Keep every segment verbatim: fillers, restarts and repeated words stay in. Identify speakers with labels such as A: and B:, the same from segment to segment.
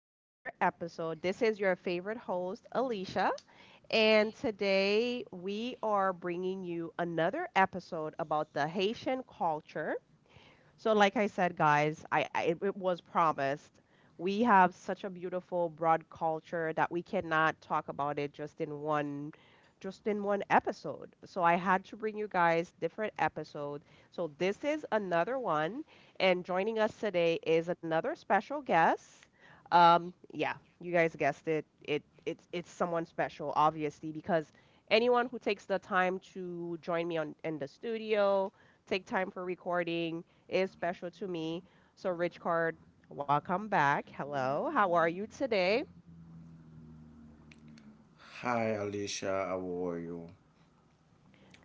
A: to another episode. This is your favorite host, Alicia. And today we are bringing you another episode about the Haitian culture. So, like I said, guys, I, I it, it was promised. We have such a beautiful broad culture that we cannot talk about it just in one just in one episode. So I had to bring you guys different episodes. So this is another one and joining us today is another special guest. Um yeah, you guys guessed it. It it's it's someone special, obviously, because anyone who takes the time to join me on in the studio, take time for recording is special to me. So, Rich Card, welcome back. Hello, how are you today?
B: Hi, Alicia. How are you?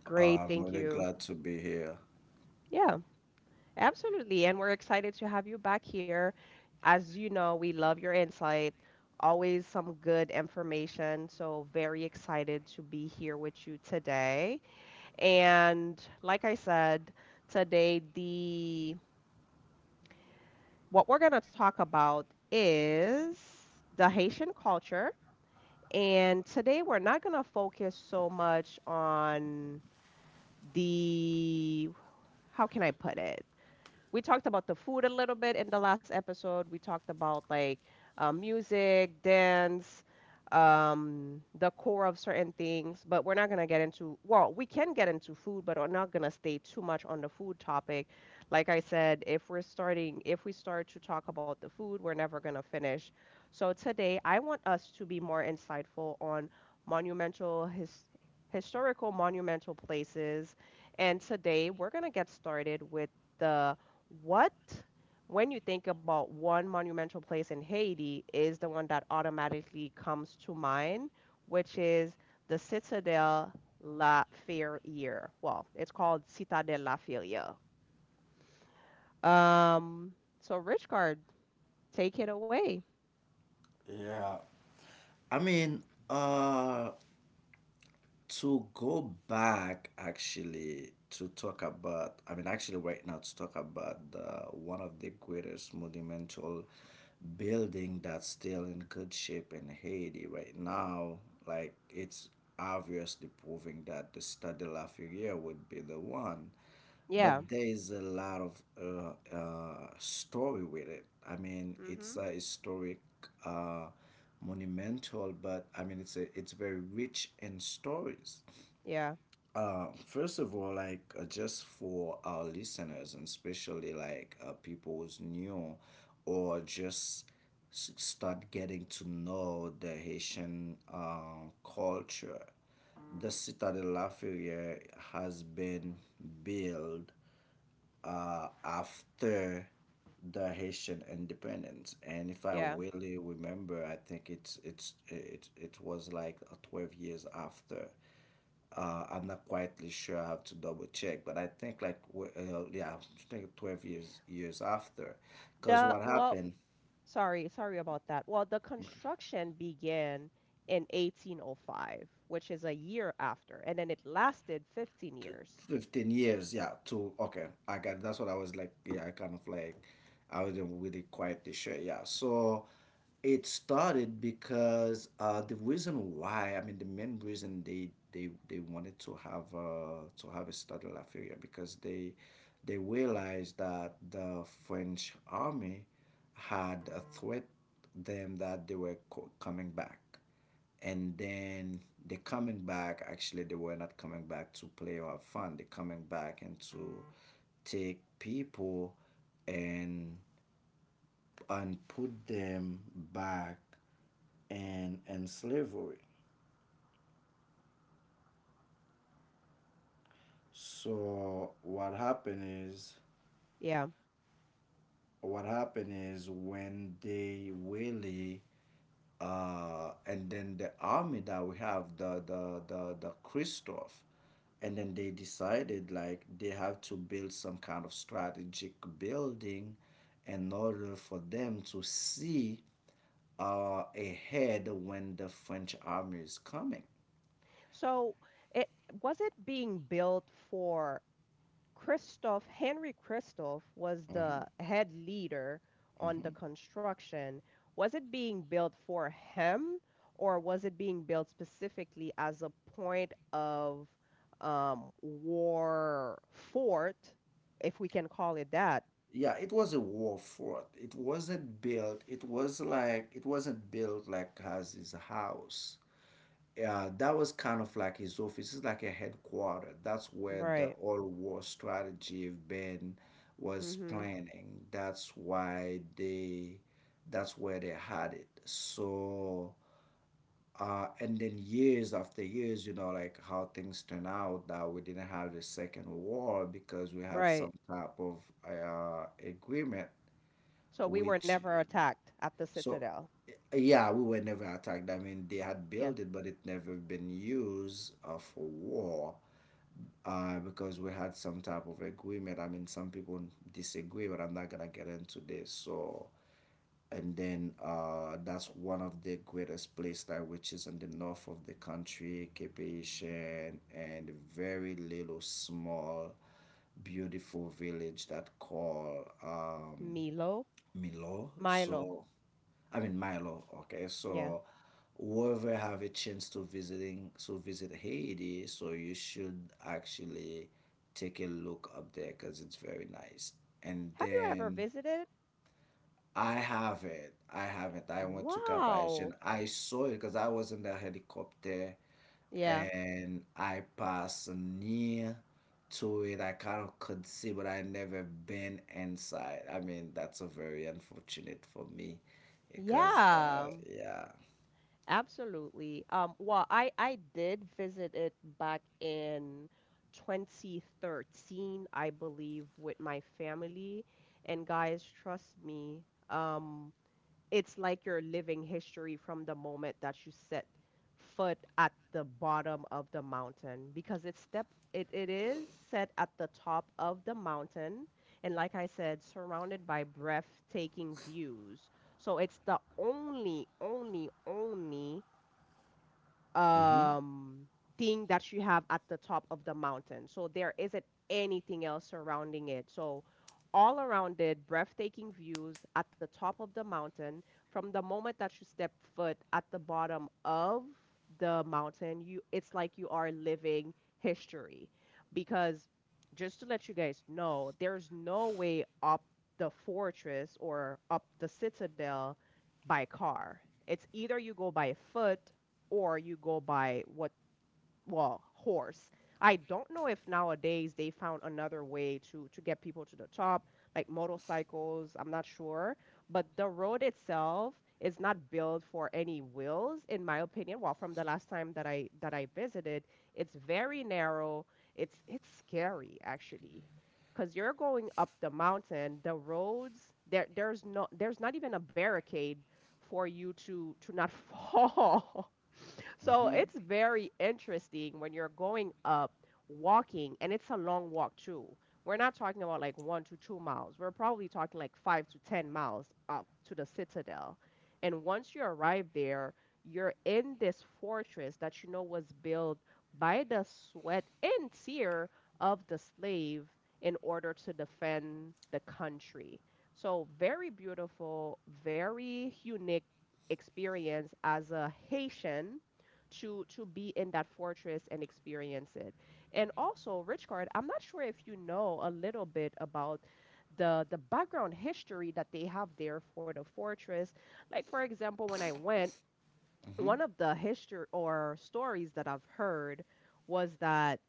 A: Great,
B: I'm
A: thank
B: really
A: you.
B: glad to be here.
A: Yeah, absolutely. And we're excited to have you back here. As you know, we love your insight, always some good information. So, very excited to be here with you today. And like I said, today the what we're going to talk about is the Haitian culture. And today we're not going to focus so much on the, how can I put it? We talked about the food a little bit in the last episode. We talked about like uh, music, dance, um, the core of certain things, but we're not gonna get into, well, we can get into food, but we're not gonna stay too much on the food topic. Like I said, if we're starting, if we start to talk about the food, we're never gonna finish. So today, I want us to be more insightful on monumental his historical monumental places. And today, we're gonna get started with the what, when you think about one monumental place in Haiti, is the one that automatically comes to mind, which is the Citadelle La Ferrière. Well, it's called Citadelle La Ferrière. Um, so Richcard, take it away.
B: Yeah. I mean, uh, to go back actually to talk about, I mean, actually, right now to talk about the, one of the greatest monumental building that's still in good shape in Haiti right now, like it's obviously proving that the Stade de la Filière would be the one.
A: Yeah.
B: But there is a lot of uh, uh, story with it. I mean,
A: Mm-hmm.
B: it's a historic, uh, monumental, but I mean, it's a, it's very rich in stories.
A: Yeah.
B: Uh, first of all, like uh, just for our listeners, and especially like uh, people who's new, or just s- start getting to know the Haitian uh, culture. The Citadel Lafayette has been built uh, after the Haitian independence. And if I
A: Yeah.
B: really remember, I think it's it's it it was like uh, twelve years after. Uh, I'm not quite sure. I have to double check, but I think like w- uh, yeah, I think twelve years years after, because
A: The
B: what
A: Well,
B: happened?
A: sorry, sorry about that. Well, the construction began in eighteen oh five, which is a year after, and then it lasted fifteen
B: t-
A: years.
B: fifteen years, yeah. To, okay, I got, that's what I was like, yeah. I kind of, like, I wasn't really quite sure, yeah. So it started because uh the reason why, I mean, the main reason, they they they wanted to have uh to have a study la Feria because they they realized that the French army had a threat them that they were co- coming back. And then they're coming back. Actually, they were not coming back to play or have fun. They're coming back and to take people and and put them back in in slavery. So what happened is
A: Yeah.
B: what happened is when they really, uh, and then the army that we have, the the the the Christoph, and then they decided like they have to build some kind of strategic building in order for them to see uh, ahead when the French army is coming.
A: So it was it being built for Christoph. Henry Christoph was the head leader on the
B: Hmm.
A: construction. Was it being built for him, or was it being built specifically as a point of um, war fort, if we can call it that?
B: Yeah, it was a war fort. It wasn't built. It was like it wasn't built like as his house. Yeah, that was kind of like his office. It's like a headquarter. That's where the
A: Right.
B: all war strategy of Ben was
A: Mm-hmm.
B: planning. That's why they, that's where they had it. So, uh, and then years after years, you know, like how things turn out that we didn't have the second war because we had
A: Right.
B: some type of uh, agreement,
A: So we were
B: which
A: never attacked at the
B: so,
A: Citadel.
B: eh, yeah, we were never attacked. I mean, they had
A: Yeah.
B: built it, but it never been used uh, for war uh, because we had some type of agreement. I mean, some people disagree, but I'm not gonna get into this. So, and then uh, that's one of the greatest place that which is in the north of the country, Cape Haitian, and very little small, beautiful village that call. Um,
A: Milo?
B: Milo.
A: Milo.
B: So, I mean Milo. Okay, so whoever have a chance to visiting to visit Haiti, so you should actually take a look up there because it's very nice. And
A: Have you ever
B: then
A: visited?
B: I have it. I have it. I went to Cap Haitien.
A: Wow.
B: I saw it because I was in the helicopter
A: Yeah.
B: and I passed near to it. I kind of could see, but I never been inside. I mean, that's a very unfortunate for me because, uh,
A: Yeah.
B: yeah.
A: Absolutely. Um, well, I I did visit it back in twenty thirteen, I believe, with my family. And guys, trust me, um, it's like you're living history from the moment that you set foot at the bottom of the mountain, because it's step it, it is set at the top of the mountain, and like I said, surrounded by breathtaking views. So it's the only, only, only
B: Mm-hmm.
A: um thing that you have at the top of the mountain. So there isn't anything else surrounding it. So all around it, breathtaking views at the top of the mountain. From the moment that you step foot at the bottom of the mountain, you it's like you are living history. Because just to let you guys know, there's no way up the fortress or up the citadel by car. It's either you go by foot, or you go by, what, well, horse. I don't know if nowadays they found another way to to get people to the top, like motorcycles. I'm not sure. But the road itself is not built for any wheels, in my opinion. Well, from the last time that i that i visited, it's very narrow. It's it's scary, actually, because you're going up the mountain. The roads there, there's no there's not even a barricade for you to to not fall. So
B: Mm-hmm.
A: it's very interesting when you're going up walking, and it's a long walk too. We're not talking about like one to two miles. We're probably talking like five to ten miles up to the citadel. And once you arrive there, you're in this fortress that you know was built by the sweat and tear of the slave in order to defend the country. So, very beautiful, very unique experience as a Haitian to to be in that fortress and experience it. And also, Richcard, I'm not sure if you know a little bit about the the background history that they have there for the fortress. Like, for example, when I went,
B: Mm-hmm.
A: one of the history or stories that I've heard was that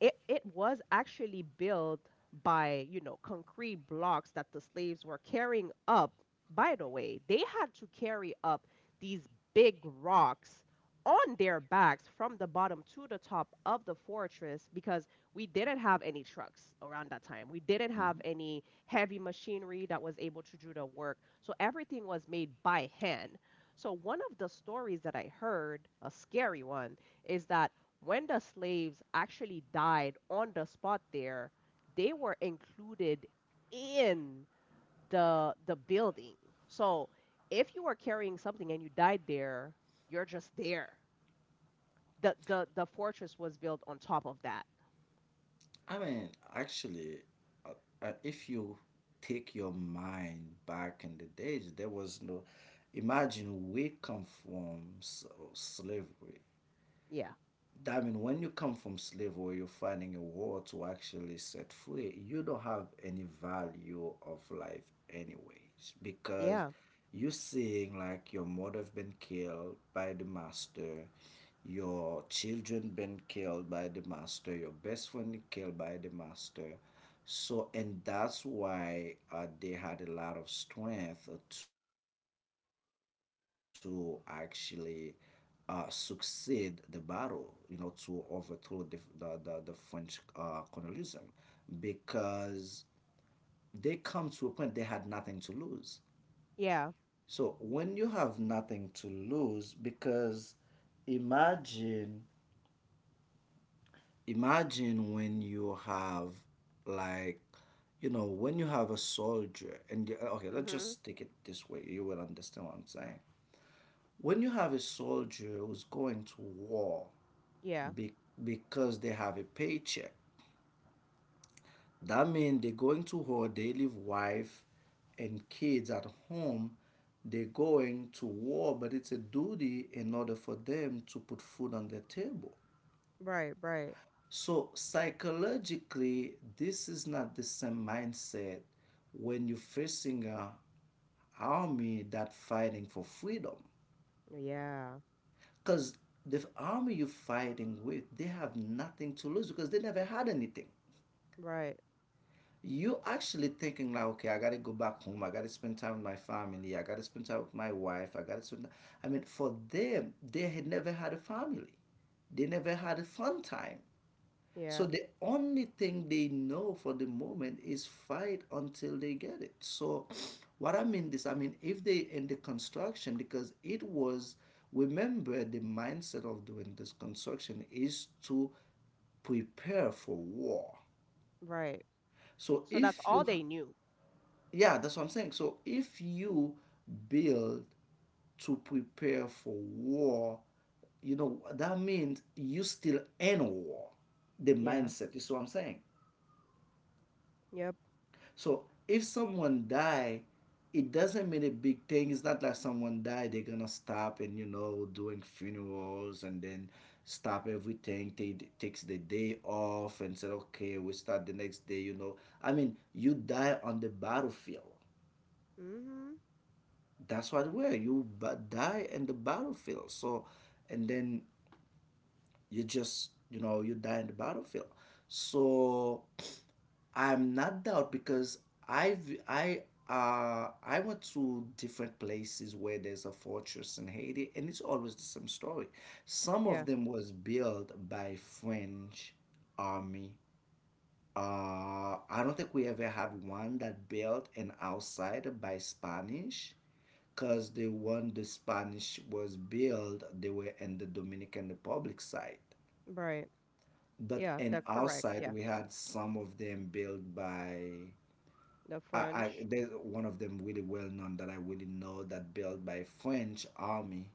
A: it it was actually built by you know concrete blocks that the slaves were carrying up. By the way, they had to carry up these big rocks on their backs from the bottom to the top of the fortress, because we didn't have any trucks around that time. We didn't have any heavy machinery that was able to do the work, so everything was made by hand. So one of the stories that I heard, a scary one, is that when the slaves actually died on the spot there, they were included in the the building. So if you were carrying something and you died there, you're just there. The the the fortress was built on top of that.
B: I mean, actually, uh, uh, if you take your mind back in the days, there was no. Imagine we come from s- slavery.
A: Yeah.
B: I mean, when you come from slavery, you're finding a war to actually set free. You don't have any value of life, anyways, because
A: Yeah.
B: you're seeing like your mother have been killed by the master, your children been killed by the master, your best friend killed by the master. So, and that's why uh, they had a lot of strength to actually uh, succeed the battle, you know, to overthrow the the, the, the French uh, colonialism, because they come to a point they had nothing to lose.
A: Yeah.
B: So when you have nothing to lose, because imagine imagine when you have, like, you know, when you have a soldier and you, uh, okay, let's
A: Mhm.
B: just take it this way, you will understand what I'm saying. When you have a soldier who's going to war
A: Yeah.
B: be- because they have a paycheck. That means they're going to work, they leave wife and kids at home. They're going to war, but it's a duty in order for them to put food on the table.
A: Right, right.
B: So, psychologically, this is not the same mindset when you're facing a army that fighting for freedom
A: Yeah.
B: because the army you're fighting with, they have nothing to lose because they never had anything.
A: Right.
B: You actually thinking like, okay, I gotta go back home. I gotta spend time with my family. I gotta spend time with my wife. I gotta spend. I mean, for them, they had never had a family. They never had a fun time. So
A: Yeah.
B: the only thing they know for the moment is fight until they get it. So, what I mean this, I mean if they in the construction because it was. Remember, the mindset of doing this construction is to prepare for war.
A: Right.
B: So
A: So that's
B: if
A: all
B: you ha-
A: they knew.
B: yeah, that's what I'm saying. So if you build to prepare for war, you know, that means you still in war. The
A: Yeah.
B: mindset is what I'm saying.
A: Yep.
B: So if someone die, it doesn't mean a big thing. It's not like someone died, they're gonna stop and you know doing funerals and then stop everything. They takes the day off and said, okay, we start the next day. You know, I mean, you die on the battlefield,
A: Mhm.
B: that's what where you but die in the battlefield. So, and then you just, you know you die in the battlefield. So I'm not doubt because i've i uh i went to different places where there's a fortress in Haiti and it's always the same story. Some of
A: Yeah.
B: them was built by French army. uh I don't think we ever had one that built an outside by Spanish because the one the Spanish was built, they were in the Dominican Republic side.
A: Right.
B: But
A: Yeah.
B: in
A: That
B: our
A: correct.
B: side,
A: Yeah.
B: we had some of them built by.
A: The
B: I, I
A: French.
B: there's one of them really well known that I really know that built by French army,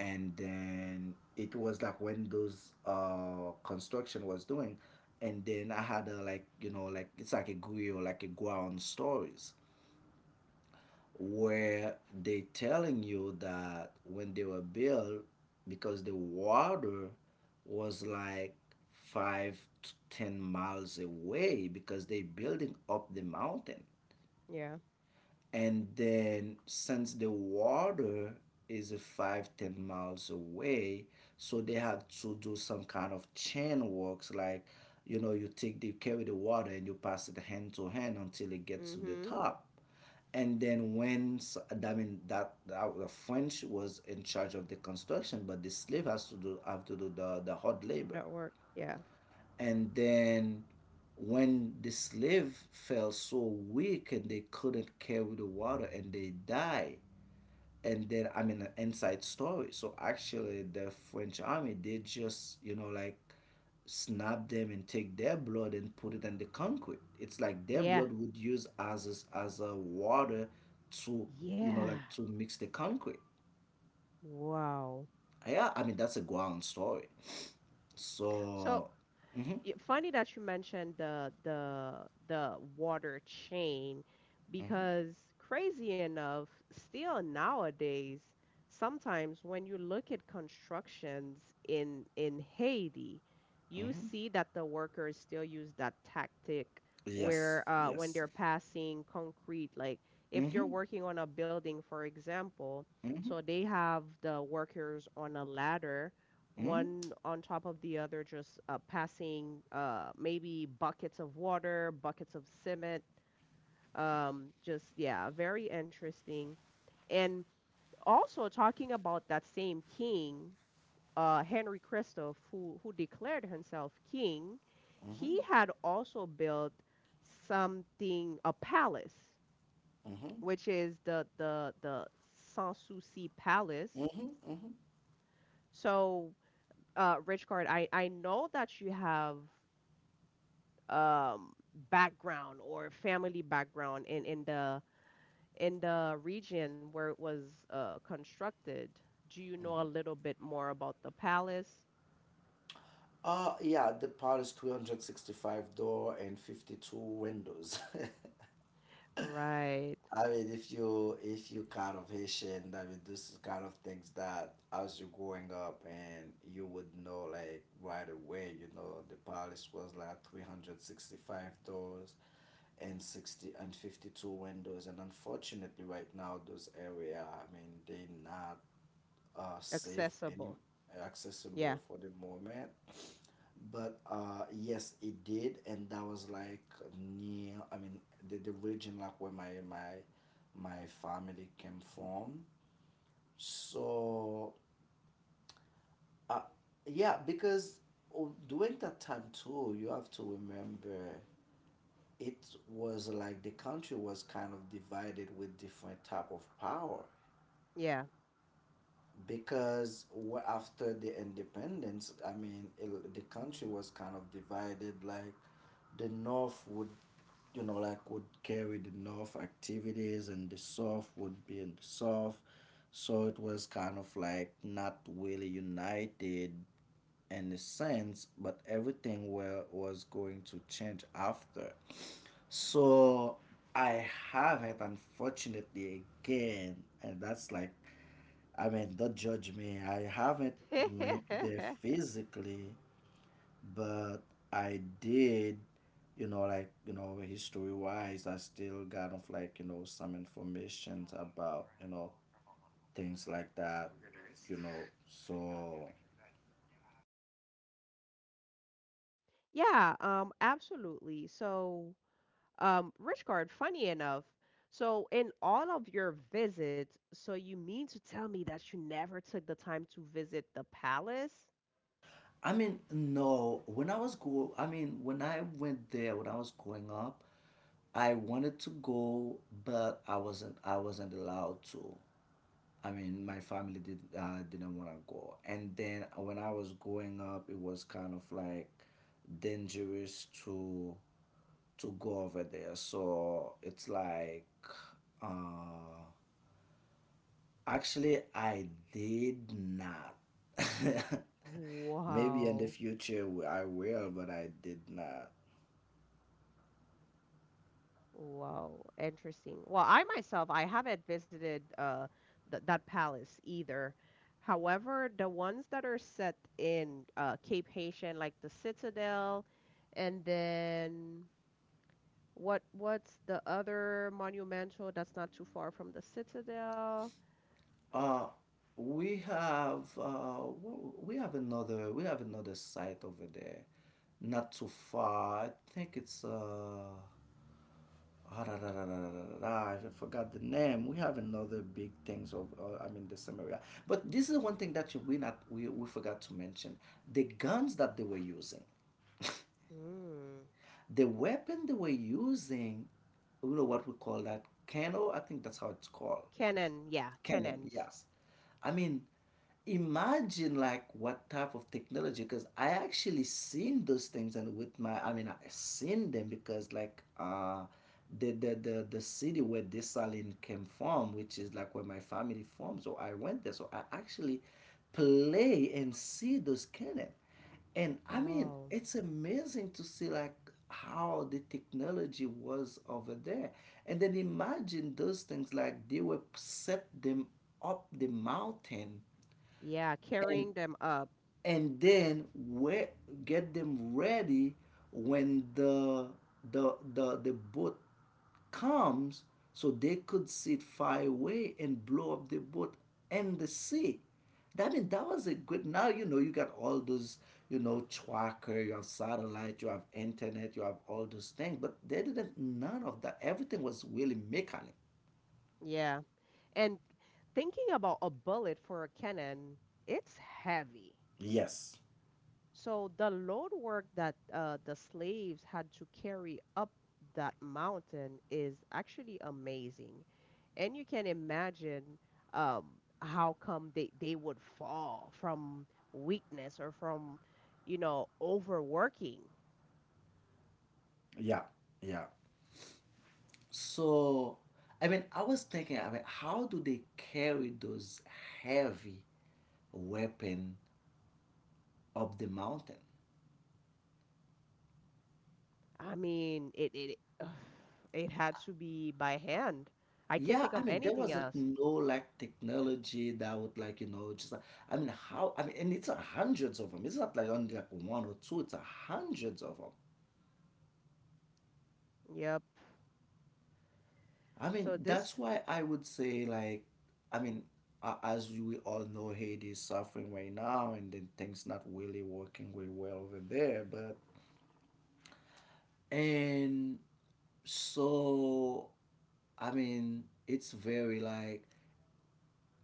B: and then it was like when those uh construction was doing, and then I had a, like, you know like it's like a grill, like a ground stories where they telling you that when they were built because the water was like five to ten miles away because they building up the mountain.
A: Yeah.
B: And then since the water is a five ten miles away, so they have to do some kind of chain works, like, you know you take the, you carry the water and you pass it hand to hand until it
A: Mm.
B: gets to the
A: Mhm.
B: top. And then when, I mean that, that, the French was in charge of the construction, but the slave has to do have to do the the hard labor,
A: That work. Yeah.
B: and then when the slave fell so weak and they couldn't carry the water and they die. And then, I mean, an inside story, so actually the French army, they just, you know like, snap them and take their blood and put it in the concrete. It's like their
A: Yeah.
B: blood would use as a, as a water to you know
A: Yeah.
B: like to mix the concrete.
A: Wow.
B: Yeah, I mean that's a ground story.
A: So
B: So, mhm,
A: y- funny that you mentioned the the the water chain,
B: mhm,
A: because crazy enough, still nowadays, sometimes when you look at constructions in in Haiti, you
B: mhm.
A: see that the workers still use that tactic,
B: Yes,
A: where, uh, when
B: yes.
A: they're passing concrete, like if they're
B: Mhm,
A: working on a building, for example,
B: mhm,
A: so they have the workers on a ladder
B: mhm,
A: one on top of the other, just uh, passing, uh, maybe buckets of water, buckets of cement. Um, just, yeah, very interesting. And also, talking about that same king, uh, Henry Christoph, who, who declared himself king, he
B: mhm,
A: had also built something, a palace,
B: mhm,
A: which is the, the, the Sanssouci Palace.
B: mhm, mhm.
A: So, uh, Rich, I, I know that you have, um, background or family background in, in the in the region where it was uh, constructed. Do you know a little bit more about the palace?
B: Uh, yeah, the part is two hundred sixty-five door and fifty-two windows.
A: Right.
B: I mean, if you if you kind of Haitian, I mean, this is kind of things that as you're growing up and you would know like right away. You know, the palace was like three hundred sixty-five doors and sixty and fifty-two windows, and unfortunately, right now those area, I mean, they not uh safe any
A: Accessible. Yeah.
B: accessible for the moment. But uh, yes, it did, and that was like near. I mean, the, the region like where my my my family came from. So, uh, yeah, because oh, during that time too, you have to remember it was like the country was kind of divided with different type of power
A: Yeah.
B: because wa- after the independence, I mean, it, the country was kind of divided like the north would, you know, like would carry the North activities and the South would be in the South. So it was kind of like not really united in a sense, but everything were, was going to change after. So I haven't, unfortunately, again, and that's like, I mean, don't judge me. I haven't went there physically but I did, you know, like, you know, history wise, I still got of like you know some information about you know things like that, you know. So,
A: Yeah, um, absolutely. So, um, Richard, funny enough, so in all of your visits, so you mean to tell me that you never took the time to visit the palace?
B: I mean, no, when I was go, I mean, when I went there, when I was growing up, I wanted to go, but I wasn't, I wasn't allowed to. I mean, my family did uh, didn't want to go. And then when I was growing up, it was kind of like dangerous to to go over there. So it's like, uh, actually, I did not. Maybe in the
A: Wow.
B: future w- I will, but I did not.
A: Wow, interesting. Well, I myself, I haven't visited uh th that palace either. However, the ones that are set in uh Cape Haitian, like the Citadel, and then what what's the other monumental that's not too far from the Citadel?
B: Uh, we have uh, wh- we have another we have another site over there, not too far. I think it's uh, ah, da, da, da, da, da, da, da, I forgot the name. We have another big things of uh, I mean the same area. But this is one thing that you, we not we, we forgot to mention the guns that they were using,
A: Mm.
B: the weapon they were using. You know what we call that cano? I think that's how it's called.
A: Canaan, yeah,
B: Canon,
A: cannons.
B: yes. I mean, imagine like what type of technology, because I actually seen those things and with my, I mean, I seen them because like uh, the, the the the city where this saline came from, which is like where my family from, so I went there. So I actually play and see those cannon. And I mean,
A: Whoa.
B: it's amazing to see like how the technology was over there. And then imagine those things like they were set them up the mountain,
A: Yeah,
B: and
A: carrying them up.
B: and then we get them ready when the the the, the boat comes, so they could sit far away and blow up the boat and the sea. That mean that was a good. Now, you know you got all those you know tracker, you have satellite, you have internet, you have all those things, but they didn't none of that. Everything was really mechanical.
A: Yeah. And thinking about a bullet for a cannon, it's heavy.
B: Yes.
A: So the load work that uh, the slaves had to carry up that mountain is actually amazing. And you can imagine, um, how come they, they would fall from weakness, or from, you know, overworking.
B: Yeah. Yeah. So, I mean, I was thinking, I mean, how do they carry those heavy weapon up the mountain?
A: I mean, it it it had to be by hand. I can't
B: Yeah,
A: think
B: I
A: of
B: mean, there
A: anything
B: wasn't
A: else.
B: no like technology that would like you know just like, I mean how I mean, and it's uh, hundreds of them. It's not like only like one or two. It's uh, hundreds of them.
A: Yep.
B: I
A: So
B: mean
A: this
B: that's why I would say like, I mean, a- as we all know, Haiti is suffering right now and then things not really working way well over there. But and so, I mean, it's very like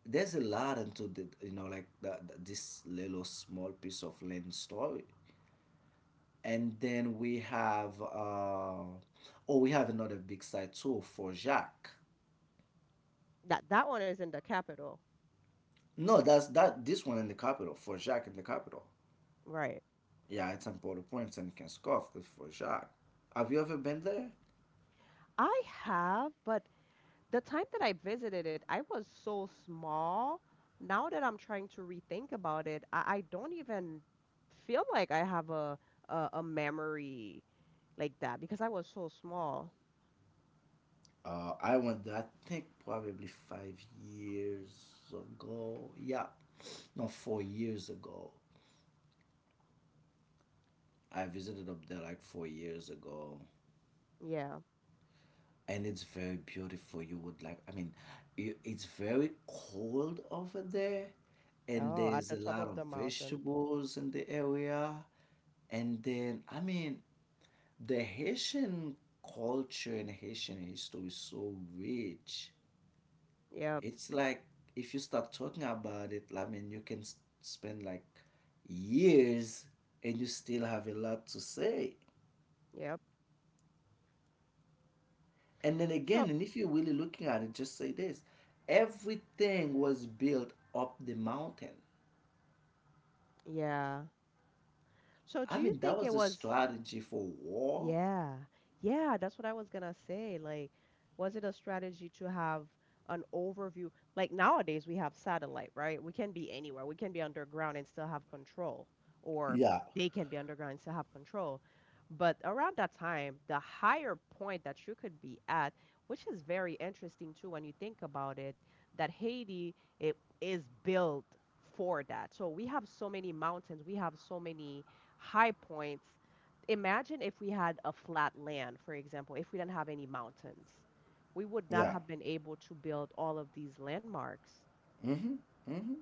B: there's a lot into the you know like the, the, this little small piece of land story. And then we have uh oh, we have another big side too for Jacques.
A: that that one is in the capital,
B: No, that's that this one in the capital, for Jacques in the capital.
A: right?
B: Yeah, it's in Port-au-Prince and Kenskov, it's for Jacques. Have you ever been there?
A: I have, but the time that I visited it, I was so small. Now that I'm trying to rethink about it, I, I don't even feel like I have a, a a memory like that, because I was so small.
B: Uh, I went there, I think, probably five years ago. Yeah, no, four years ago. I visited up there like four years ago,
A: Yeah.
B: and it's very beautiful. You would like, I mean, i- it's very cold over there, and
A: Oh, at
B: there's
A: the
B: a
A: top
B: lot
A: of
B: of
A: the mountain.
B: vegetables in the area. And then, I mean, the Haitian culture and Haitian history is so rich.
A: Yep.
B: It's like, if you start talking about it, I mean, you can s- spend like years and you still have a lot to say.
A: Yep.
B: And then
A: So,
B: again, and if you're really looking at it, just say this, everything was built up the mountain.
A: yeah. So,
B: I
A: do you
B: mean, that
A: think it
B: was a
A: was?
B: strategy for war.
A: Yeah, yeah, that's what I was gonna say. Like, was it a strategy to have an overview? Like, nowadays we have satellite, right? We can be anywhere. We can be underground and still have control, or
B: Yeah,
A: they can be underground and still have control. But around that time, the higher point that you could be at, which is very interesting too when you think about it, that Haiti it is built for that. So we have so many mountains, we have so many high points. Imagine if we had a flat land, for example, if we didn't have any mountains, we would not
B: yeah.
A: have been able to build all of these landmarks.
B: Mm-hmm, mm-hmm.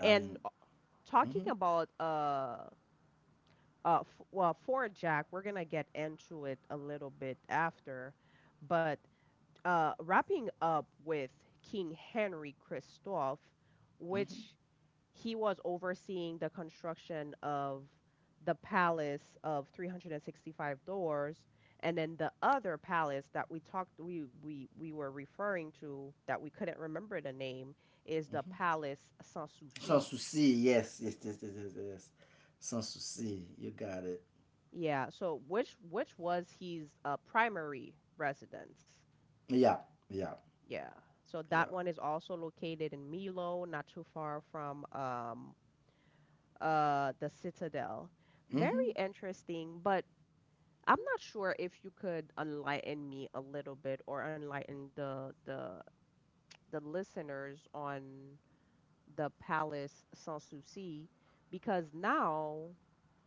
B: I mean,
A: uh, Talking
B: mm-hmm,
A: about uh, uh, f- well, Fort Jack, we're gonna get into it a little bit after, but uh, wrapping up with King Henry Christophe,
B: mm-hmm.
A: which he was overseeing the construction of the palace of three hundred sixty-five doors, and then the other palace that we talked we we we were referring to that we couldn't remember the name is the palace Sans
B: Sans
A: Souci.
B: souci, yes, yes, yes, yes, yes, yes. Sans souci, you got it.
A: Yeah, so which which was his uh, primary residence.
B: Yeah, yeah,
A: Yeah, so that
B: yeah.
A: one is also located in Milo, not too far from um uh the Citadel.
B: Mm-hmm.
A: Very interesting. But I'm not sure if you could enlighten me a little bit, or enlighten the the the listeners on the Palace Sans Souci, because now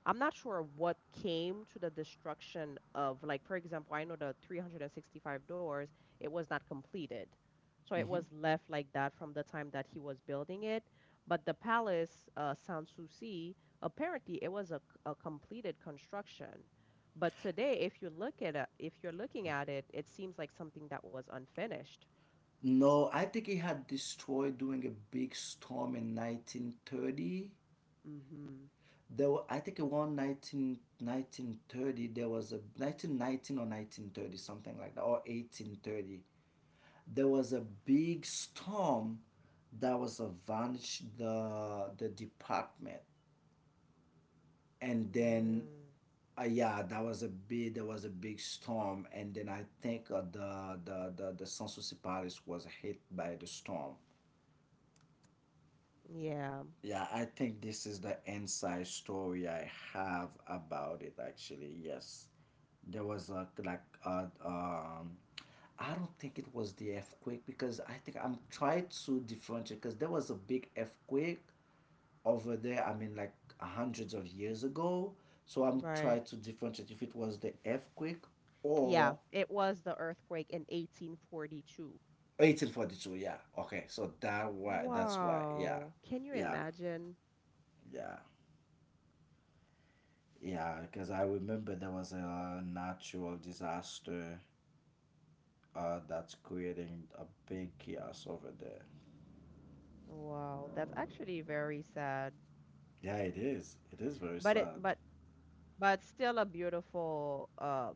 A: I'm not sure what came to the destruction of, like, for example, I know the three hundred sixty-five doors, it was not completed. So it was left like that from the time that he was building it. But the palace, uh, Sanssouci, apparently it was a, a completed construction. But today, if you look at it, if you're looking at it, it seems like something that was unfinished.
B: No, I think it had destroyed during a big storm in nineteen thirty.
A: Hmm.
B: There were, I think, around nineteen, nineteen thirty, there was a nineteen nineteen or nineteen thirty, something like that, or eighteen thirty. There was a big storm that was avenged the the department, and then
A: Mm.
B: uh, yeah, that was a big there was a big storm, and then I think uh, the, the the the census Paris was hit by the storm.
A: Yeah.
B: Yeah, I think this is the inside story I have about it, actually. Yes. There was a, like a, um I don't think it was the earthquake, because I think I'm trying to differentiate, because there was a big earthquake over there, I mean, like hundreds of years ago. So I'm
A: Right.
B: trying to differentiate if it was the earthquake
A: Yeah,
B: or
A: it was the earthquake in eighteen forty-two.
B: eighteen forty-two, yeah. Okay, so that why that's why. Yeah.
A: Wow. Can you
B: Yeah.
A: imagine?
B: Yeah, Yeah, because I remember there was a natural disaster uh, that's creating a big chaos over there.
A: Wow, that's actually very sad.
B: Yeah, it is. It is very
A: But it
B: sad.
A: but but still a beautiful uh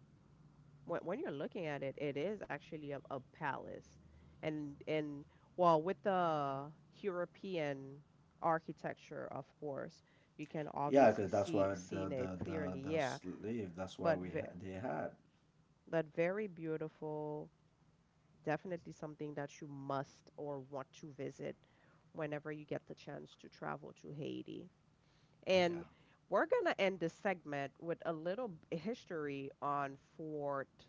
A: when when you're looking at it, it is actually a, a palace. And and well, with the European architecture, of course, you can
B: Yeah,
A: obviously
B: because that's
A: see
B: why the
A: seen it
B: the the
A: clearly,
B: the
A: yeah.
B: slave. That's why
A: But
B: we
A: ve
B: ha- they had.
A: but very beautiful. Definitely something that you must or want to visit whenever you get the chance to travel to Haiti.
B: Yeah.
A: And we're going to end this segment with a little b- history on Fort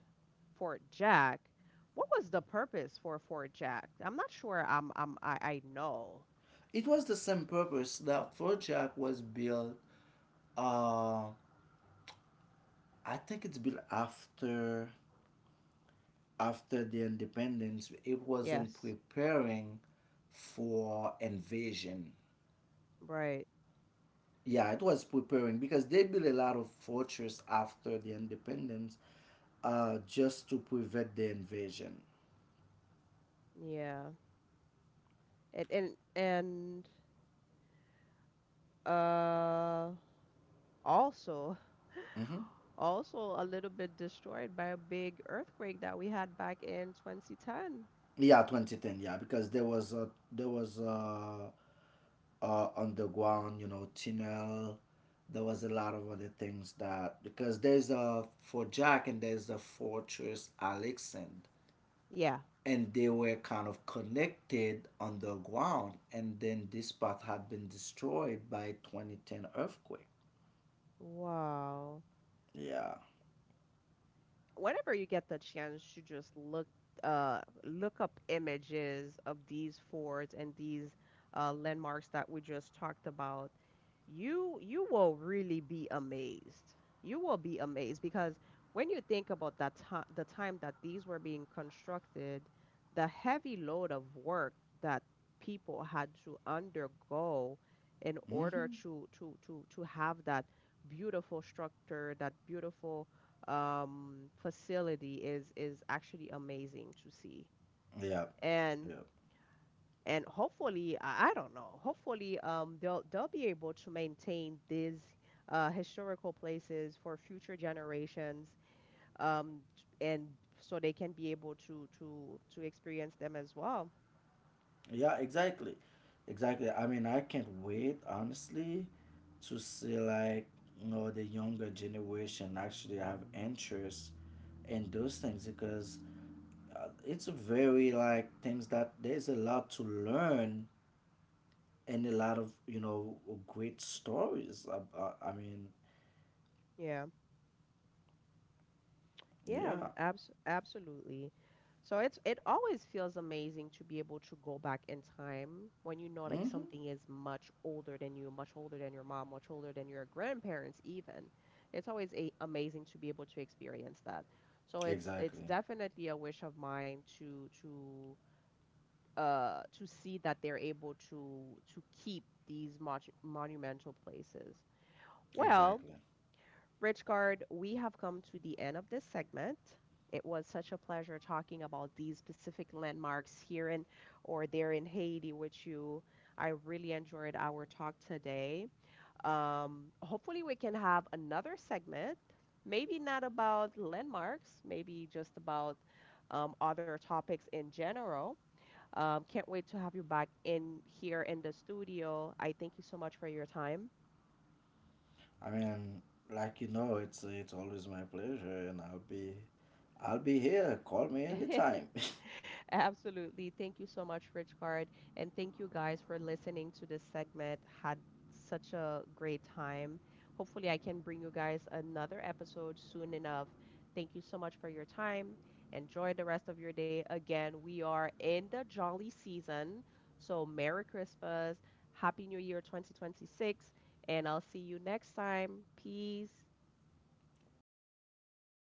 A: Fort Jack. What was the purpose for Fort Jack? I'm not sure. I'm, I'm I, I know.
B: It was the same purpose. The Fort Jack was built. Uh, I think it's built after after the independence. It wasn't
A: Yes.
B: preparing for invasion.
A: Right.
B: Yeah, it was preparing because they built a lot of fortress after the independence, uh, just to prevent the invasion.
A: Yeah. And and and uh also,
B: Hmm.
A: also a little bit destroyed by a big earthquake that we had back in two thousand ten.
B: Yeah, twenty ten. Yeah, because there was a there was a, a underground, you know, tunnel. There was a lot of other things that, because there's a for Jack and there's a fortress Alexand,
A: Yeah.
B: and they were kind of connected underground, and then this part had been destroyed by twenty ten earthquake.
A: Wow.
B: Yeah.
A: Whenever you get the chance to just look, uh look up images of these forts and these uh landmarks that we just talked about, you you will really be amazed. You will be amazed because when you think about that time, the time that these were being constructed, the heavy load of work that people had to undergo in order
B: Mm-hmm.
A: to to to to have that beautiful structure, that beautiful um, facility is is actually amazing to see.
B: Yeah,
A: And
B: yeah,
A: and hopefully, I, I don't know. Hopefully, um, they'll they'll be able to maintain these uh, historical places for future generations, um, and so they can be able to to to experience them as well.
B: yeah. Exactly, exactly. I mean, I can't wait, honestly, to see like you know the younger generation actually have interest in those things, because uh, it's a very like things that there's a lot to learn and a lot of you know great stories. ab- uh, I mean,
A: Yeah. Yeah,
B: yeah.
A: abs absolutely. So it's it always feels amazing to be able to go back in time when you know like
B: Mm-hmm.
A: something is much older than you, much older than your mom, much older than your grandparents even. It's always a amazing to be able to experience that. So it's it's
B: Exactly,
A: definitely a wish of mine to to uh to see that they're able to to keep these mon monumental places. Well,
B: exactly.
A: Richgard, we have come to the end of this segment. It was such a pleasure talking about these specific landmarks here in or there in Haiti with you. I really enjoyed our talk today. Um, hopefully, we can have another segment, maybe not about landmarks, maybe just about um, other topics in general. Um, can't wait to have you back in here in the studio. I thank you so much for your time.
B: I mean, like you know, it's it's always my pleasure, and I'll be I'll be here. Call me anytime.
A: Absolutely. Thank you so much, Richcard. And thank you guys for listening to this segment. Had such a great time. Hopefully, I can bring you guys another episode soon enough. Thank you so much for your time. Enjoy the rest of your day. Again, we are in the jolly season. So, Merry Christmas. Happy New Year twenty twenty-six. And I'll see you next time. Peace.